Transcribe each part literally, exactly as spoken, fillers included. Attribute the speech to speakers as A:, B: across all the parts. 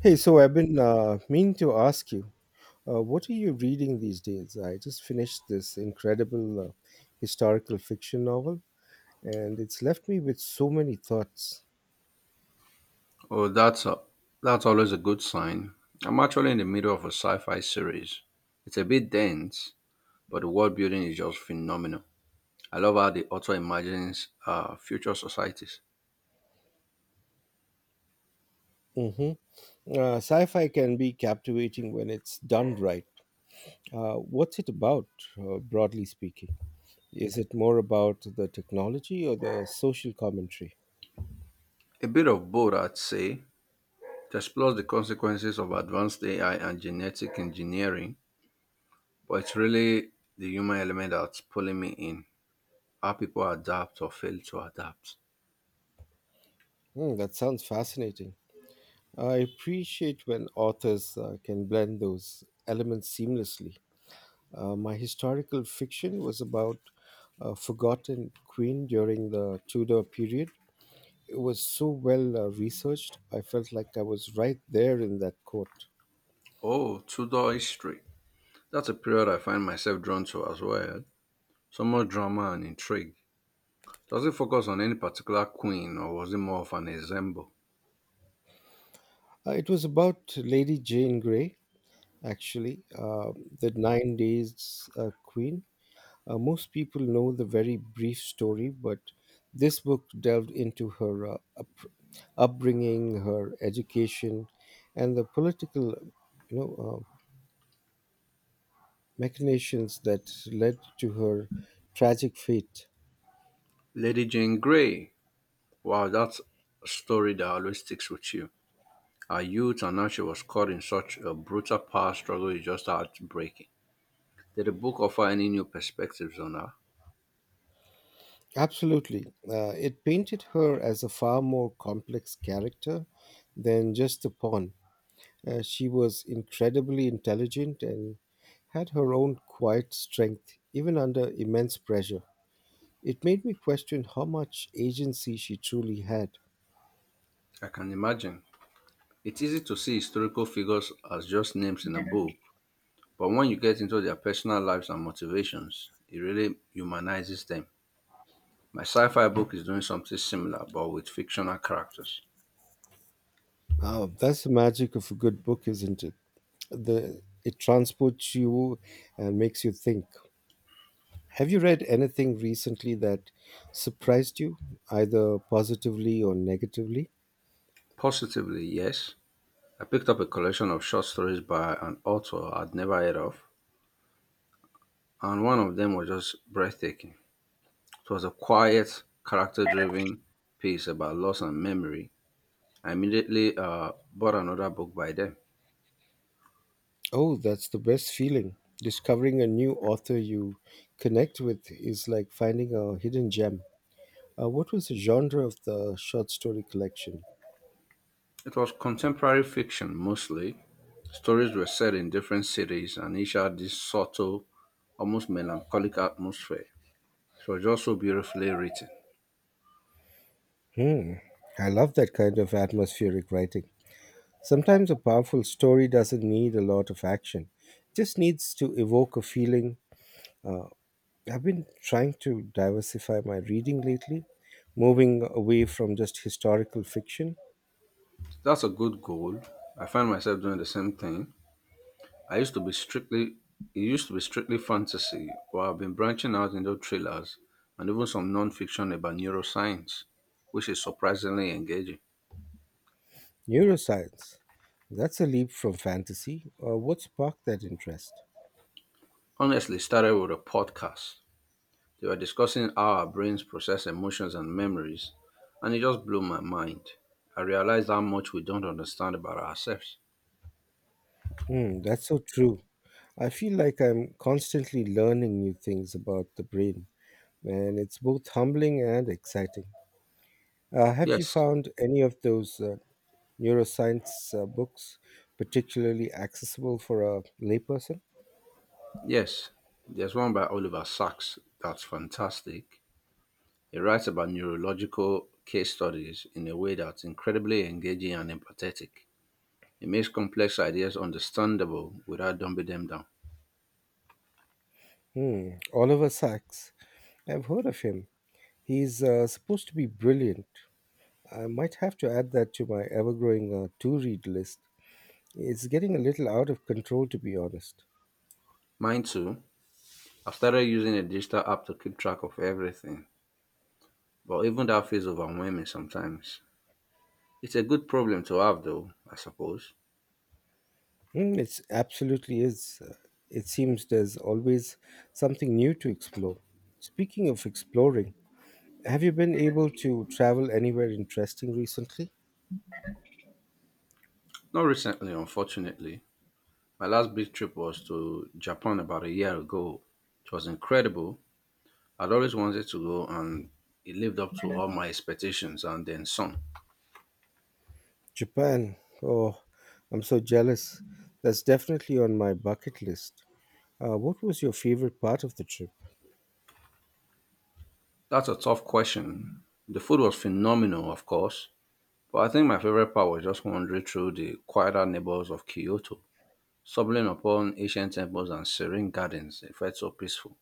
A: Hey, so I've been uh, meaning to ask you, uh, what are you reading these days? I just finished this incredible uh, historical fiction novel, and it's left me with so many thoughts.
B: Oh, that's a, that's always a good sign. I'm actually in the middle of a sci-fi series. It's a bit dense, but the world building is just phenomenal. I love how the author imagines uh, future societies.
A: hmm Uh, sci-fi can be captivating when it's done right. Uh, what's it about, uh, broadly speaking? Is it more about the technology or the social commentary?
B: A bit of both, I'd say. It explores the consequences of advanced A I and genetic engineering, but it's really the human element that's pulling me in. How people adapt or fail to adapt.
A: Hmm, that sounds fascinating. I appreciate when authors uh, can blend those elements seamlessly. Uh, my historical fiction was about a forgotten queen during the Tudor period. It was so well uh, researched. I felt like I was right there in that court.
B: Oh, Tudor history. That's a period I find myself drawn to as well. So much drama and intrigue. Does it focus on any particular queen or was it more of an ensemble?
A: Uh, it was about Lady Jane Grey, actually, uh, the Nine Days uh, Queen. Uh, most people know the very brief story, but this book delved into her uh, up- upbringing, her education, and the political, you know, uh, machinations that led to her tragic fate.
B: Lady Jane Grey. Wow, that's a story that always sticks with you. Her youth and how she was caught in such a brutal power struggle is just heartbreaking. Did the book offer any new perspectives on her?
A: Absolutely. Uh, it painted her as a far more complex character than just a pawn. Uh, she was incredibly intelligent and had her own quiet strength, even under immense pressure. It made me question how much agency she truly had.
B: I can imagine. It's easy to see historical figures as just names in a book, but when you get into their personal lives and motivations, it really humanizes them. My sci fi book is doing something similar but with fictional characters.
A: Ah, that's the magic of a good book, isn't it? The, it transports you and makes you think. Have you read anything recently that surprised you, either positively or negatively?
B: Positively, yes, I picked up a collection of short stories by an author I'd never heard of, and one of them was just breathtaking. It was a quiet, character driven piece about loss and memory. I immediately uh, bought another book by them.
A: Oh, that's the best feeling. Discovering a new author you connect with is like finding a hidden gem. Uh, what was the genre of the short story collection?
B: It was contemporary fiction mostly. Stories were set in different cities and each had this subtle, almost melancholic atmosphere. It was just so beautifully written.
A: Hmm, I love that kind of atmospheric writing. Sometimes a powerful story doesn't need a lot of action, it just needs to evoke a feeling. I've been trying to diversify my reading lately, moving away from just historical fiction.
B: That's a good goal. I find myself doing the same thing. I used to be strictly It used to be strictly fantasy, but I've been branching out into thrillers and even some non-fiction about neuroscience, which is surprisingly engaging.
A: Neuroscience, that's a leap from fantasy. Uh, what sparked that interest?
B: Honestly, started with a podcast. They were discussing how our brains process emotions and memories, and it just blew my mind. I realized how much we don't understand about ourselves.
A: Hmm, that's so true. I feel like I'm constantly learning new things about the brain, and it's both humbling and exciting. Uh, have you
B: Yes,
A: found any of those uh, neuroscience uh, books particularly accessible for a layperson?
B: yes. There's one by Oliver Sacks that's fantastic. He writes about neurological case studies in a way that's incredibly engaging and empathetic. He makes complex ideas understandable without dumbing them down.
A: Hmm, Oliver Sacks. I've heard of him. He's uh, supposed to be brilliant. I might have to add that to my ever growing uh, to read list. It's getting a little out of control, to be honest.
B: Mine too. I've started using a digital app to keep track of everything, but even that feels overwhelming sometimes. It's a good problem to have though, I suppose.
A: Mm, it's absolutely is. Uh, It seems there's always something new to explore. Speaking of exploring, have you been able to travel anywhere interesting recently?
B: Not recently, unfortunately. My last big trip was to Japan about a year ago. It was incredible. I'd always wanted to go and it lived up to all my expectations and then some.
A: Japan. Oh, I'm so jealous. That's definitely on my bucket list. Uh, what was your favorite part of the trip?
B: That's a tough question. The food was phenomenal, of course, but I think my favorite part was just wandering through the quieter neighbors of Kyoto, stumbling upon ancient temples and serene gardens. It felt so peaceful.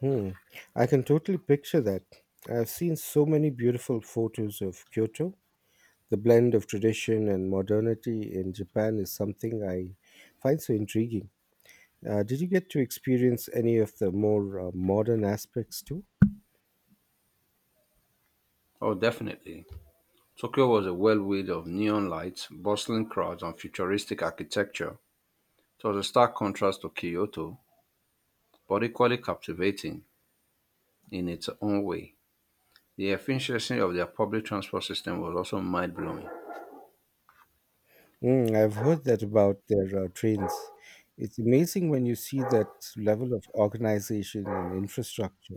A: Hmm, I can totally picture that. I've seen so many beautiful photos of Kyoto. The blend of tradition and modernity in Japan is something I find so intriguing. Uh, did you get to experience any of the more uh, modern aspects too?
B: Oh, definitely. Tokyo was a whirlwind of neon lights, bustling crowds, and futuristic architecture. It was a stark contrast to Kyoto, but equally captivating in its own way. The efficiency of their public transport system was also mind blowing.
A: Mm, I've heard that about their uh, trains. It's amazing when you see that level of organization and infrastructure.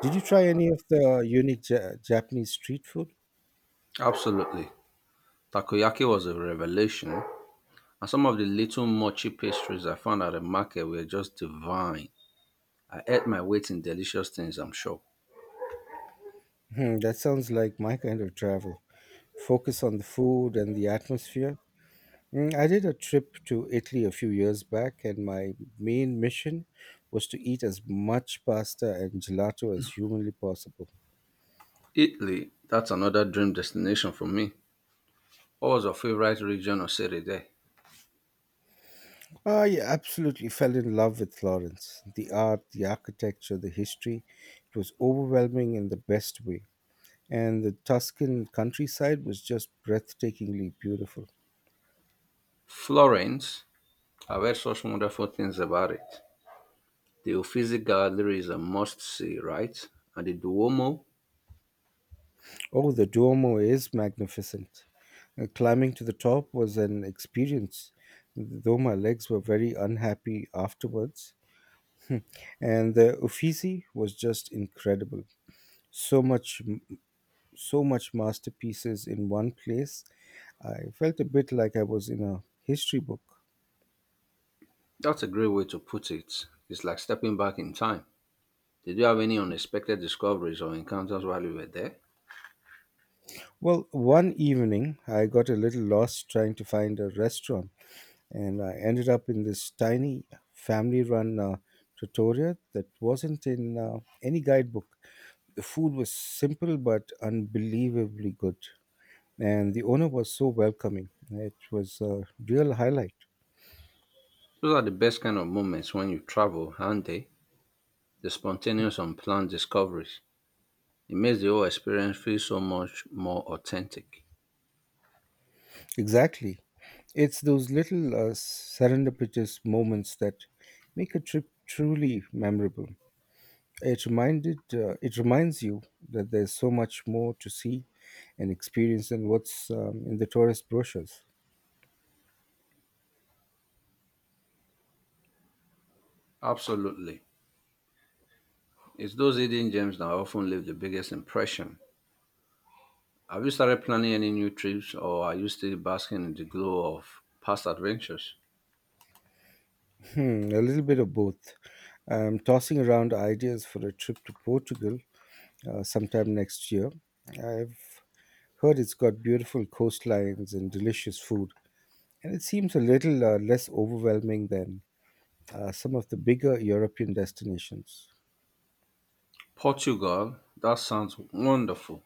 A: Did you try any of the uh, unique ja- Japanese street food?
B: Absolutely. Takoyaki was a revelation. And some of the little mochi pastries I found at the market were just divine. I ate my weight in delicious things, I'm sure.
A: Hmm, that sounds like my kind of travel. Focus on the food and the atmosphere. Mm, I did a trip to Italy a few years back, and my main mission was to eat as much pasta and gelato as humanly possible.
B: Italy, that's another dream destination for me. What was your favorite region or city there?
A: I absolutely fell in love with Florence. The art, the architecture, the history, it was overwhelming in the best way. And the Tuscan countryside was just breathtakingly beautiful.
B: Florence, I've heard such wonderful things about it. The Uffizi Gallery is a must see, right? And the Duomo,
A: Oh, the Duomo is magnificent. Uh, Climbing to the top was an experience, though my legs were very unhappy afterwards. And the Uffizi was just incredible. So much, so much masterpieces in one place. I felt a bit like I was in a history book.
B: that's a great way to put it. It's like stepping back in time. Did you have any unexpected discoveries or encounters while you were there?
A: Well, one evening I got a little lost trying to find a restaurant and I ended up in this tiny family run uh, trattoria that wasn't in uh, any guidebook. The food was simple but unbelievably good, and the owner was so welcoming. It was a real highlight.
B: Those are the best kind of moments when you travel, aren't they? The spontaneous unplanned discoveries. It makes the whole experience feel so much more authentic.
A: Exactly. It's those little uh, serendipitous moments that make a trip truly memorable. It reminded, uh, it reminds you that there's so much more to see and experience than what's um, in the tourist brochures.
B: Absolutely. It's those hidden gems that often leave the biggest impression. Have you started planning any new trips or are you still basking in the glow of past adventures?
A: Hmm, a little bit of both. I'm tossing around ideas for a trip to Portugal uh, sometime next year. I've heard it's got beautiful coastlines and delicious food, and it seems a little uh, less overwhelming than uh, some of the bigger European destinations.
B: Portugal, that sounds wonderful.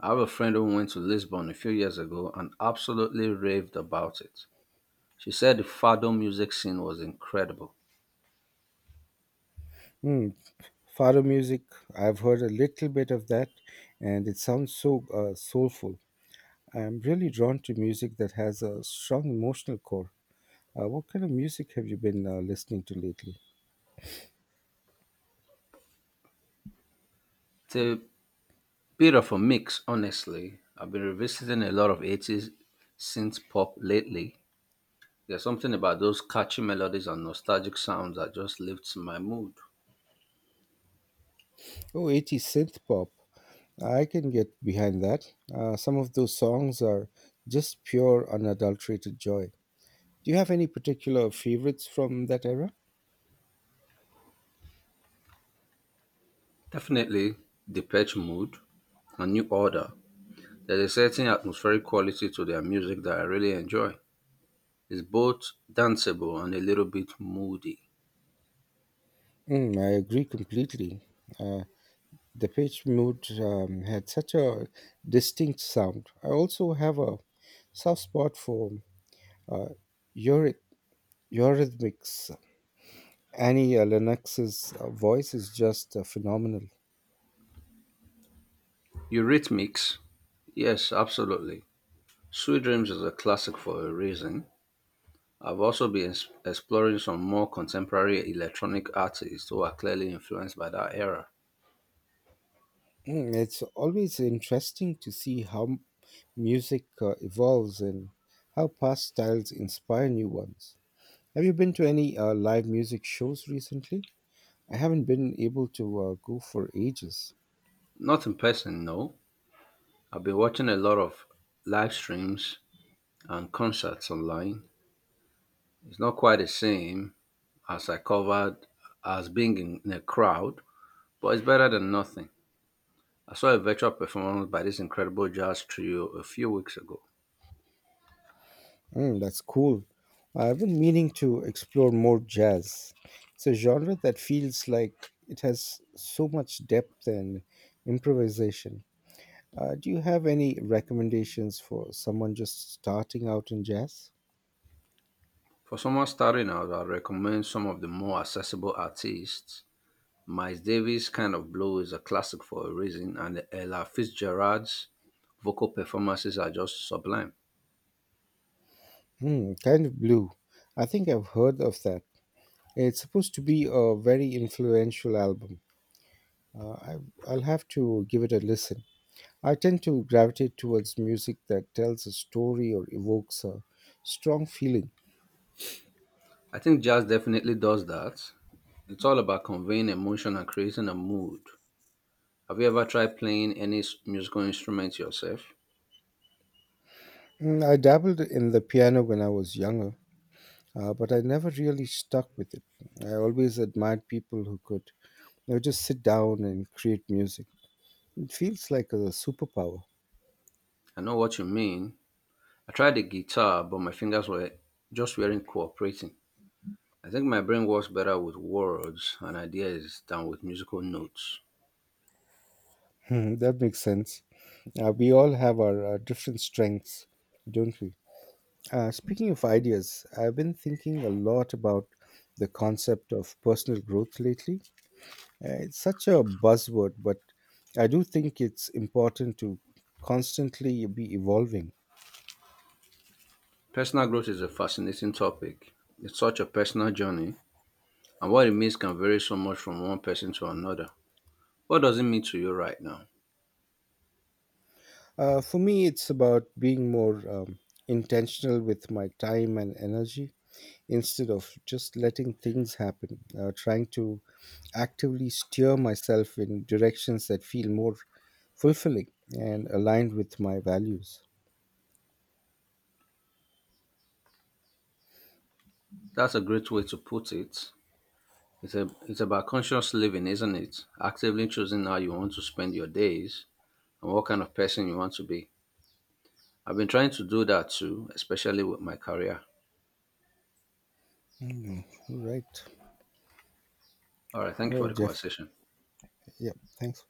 B: I have a friend who went to Lisbon a few years ago and absolutely raved about it. She said the fado music scene was incredible.
A: Hmm, fado music, I've heard a little bit of that, and it sounds so uh, soulful. I'm really drawn to music that has a strong emotional core. Uh, what kind of music have you been uh, listening to lately?
B: Te- Bit of a mix, honestly. I've been revisiting a lot of eighties synth pop lately. There's something about those catchy melodies and nostalgic sounds that just lifts my mood.
A: Oh, eighty synth pop. I can get behind that. Uh, some of those songs are just pure unadulterated joy. Do you have any particular favorites from that era?
B: Definitely Depeche Mode and New Order. There's a certain atmospheric quality to their music that I really enjoy. It's both danceable and a little bit moody.
A: Mm, I agree completely. Uh, the Page Mood um, had such a distinct sound. I also have a soft spot for uh, Eury- Eurythmics. Annie uh, Lennox's uh, voice is just uh, phenomenal.
B: Eurythmics? Yes, absolutely. Sweet Dreams is a classic for a reason. I've also been es- exploring some more contemporary electronic artists who are clearly influenced by that era.
A: Mm, it's always interesting to see how m- music uh, evolves and how past styles inspire new ones. Have you been to any uh, live music shows recently? I haven't been able to uh, go for ages.
B: Not in person, no. I've been watching a lot of live streams and concerts online. It's not quite the same as I covered as being in, in a crowd, but it's better than nothing. I saw a virtual performance by this incredible jazz trio a few weeks ago.
A: Mm, that's cool. I've been meaning to explore more jazz. It's a genre that feels like it has so much depth and improvisation. Uh, do you have any recommendations for someone just starting out in jazz?
B: For someone starting out, I recommend some of the more accessible artists. Miles Davis' Kind of Blue is a classic for a reason, and Ella Fitzgerald's vocal performances are just sublime.
A: Hmm, kind of blue. I think I've heard of that. It's supposed to be a very influential album. Uh, I, I'll have to give it a listen. I tend to gravitate towards music that tells a story or evokes a strong feeling.
B: I think jazz definitely does that. It's all about conveying emotion and creating a mood. Have you ever tried playing any s- musical instrument yourself?
A: Mm, I dabbled in the piano when I was younger, uh, but I never really stuck with it. I always admired people who could you know, just sit down and create music. It feels like a superpower.
B: I know what you mean. I tried the guitar, but my fingers were just weren't cooperating. I think my brain works better with words and ideas than with musical notes.
A: Hmm, that makes sense. Uh, we all have our uh, different strengths, don't we? Uh, speaking of ideas, I've been thinking a lot about the concept of personal growth lately. Uh, it's such a buzzword, but I do think it's important to constantly be evolving.
B: Personal growth is a fascinating topic. It's such a personal journey, and what it means can vary so much from one person to another. What does it mean to you right now?
A: Uh, for me, it's about being more um, intentional with my time and energy. Instead of just letting things happen, uh, trying to actively steer myself in directions that feel more fulfilling and aligned with my values.
B: That's a great way to put it. It's, a, it's about conscious living, isn't it? Actively choosing how you want to spend your days and what kind of person you want to be. I've been trying to do that too, especially with my career.
A: Mm, right.
B: All right, thank
A: All
B: you for
A: right,
B: the
A: Jeff.
B: conversation.
A: Yeah. Thanks.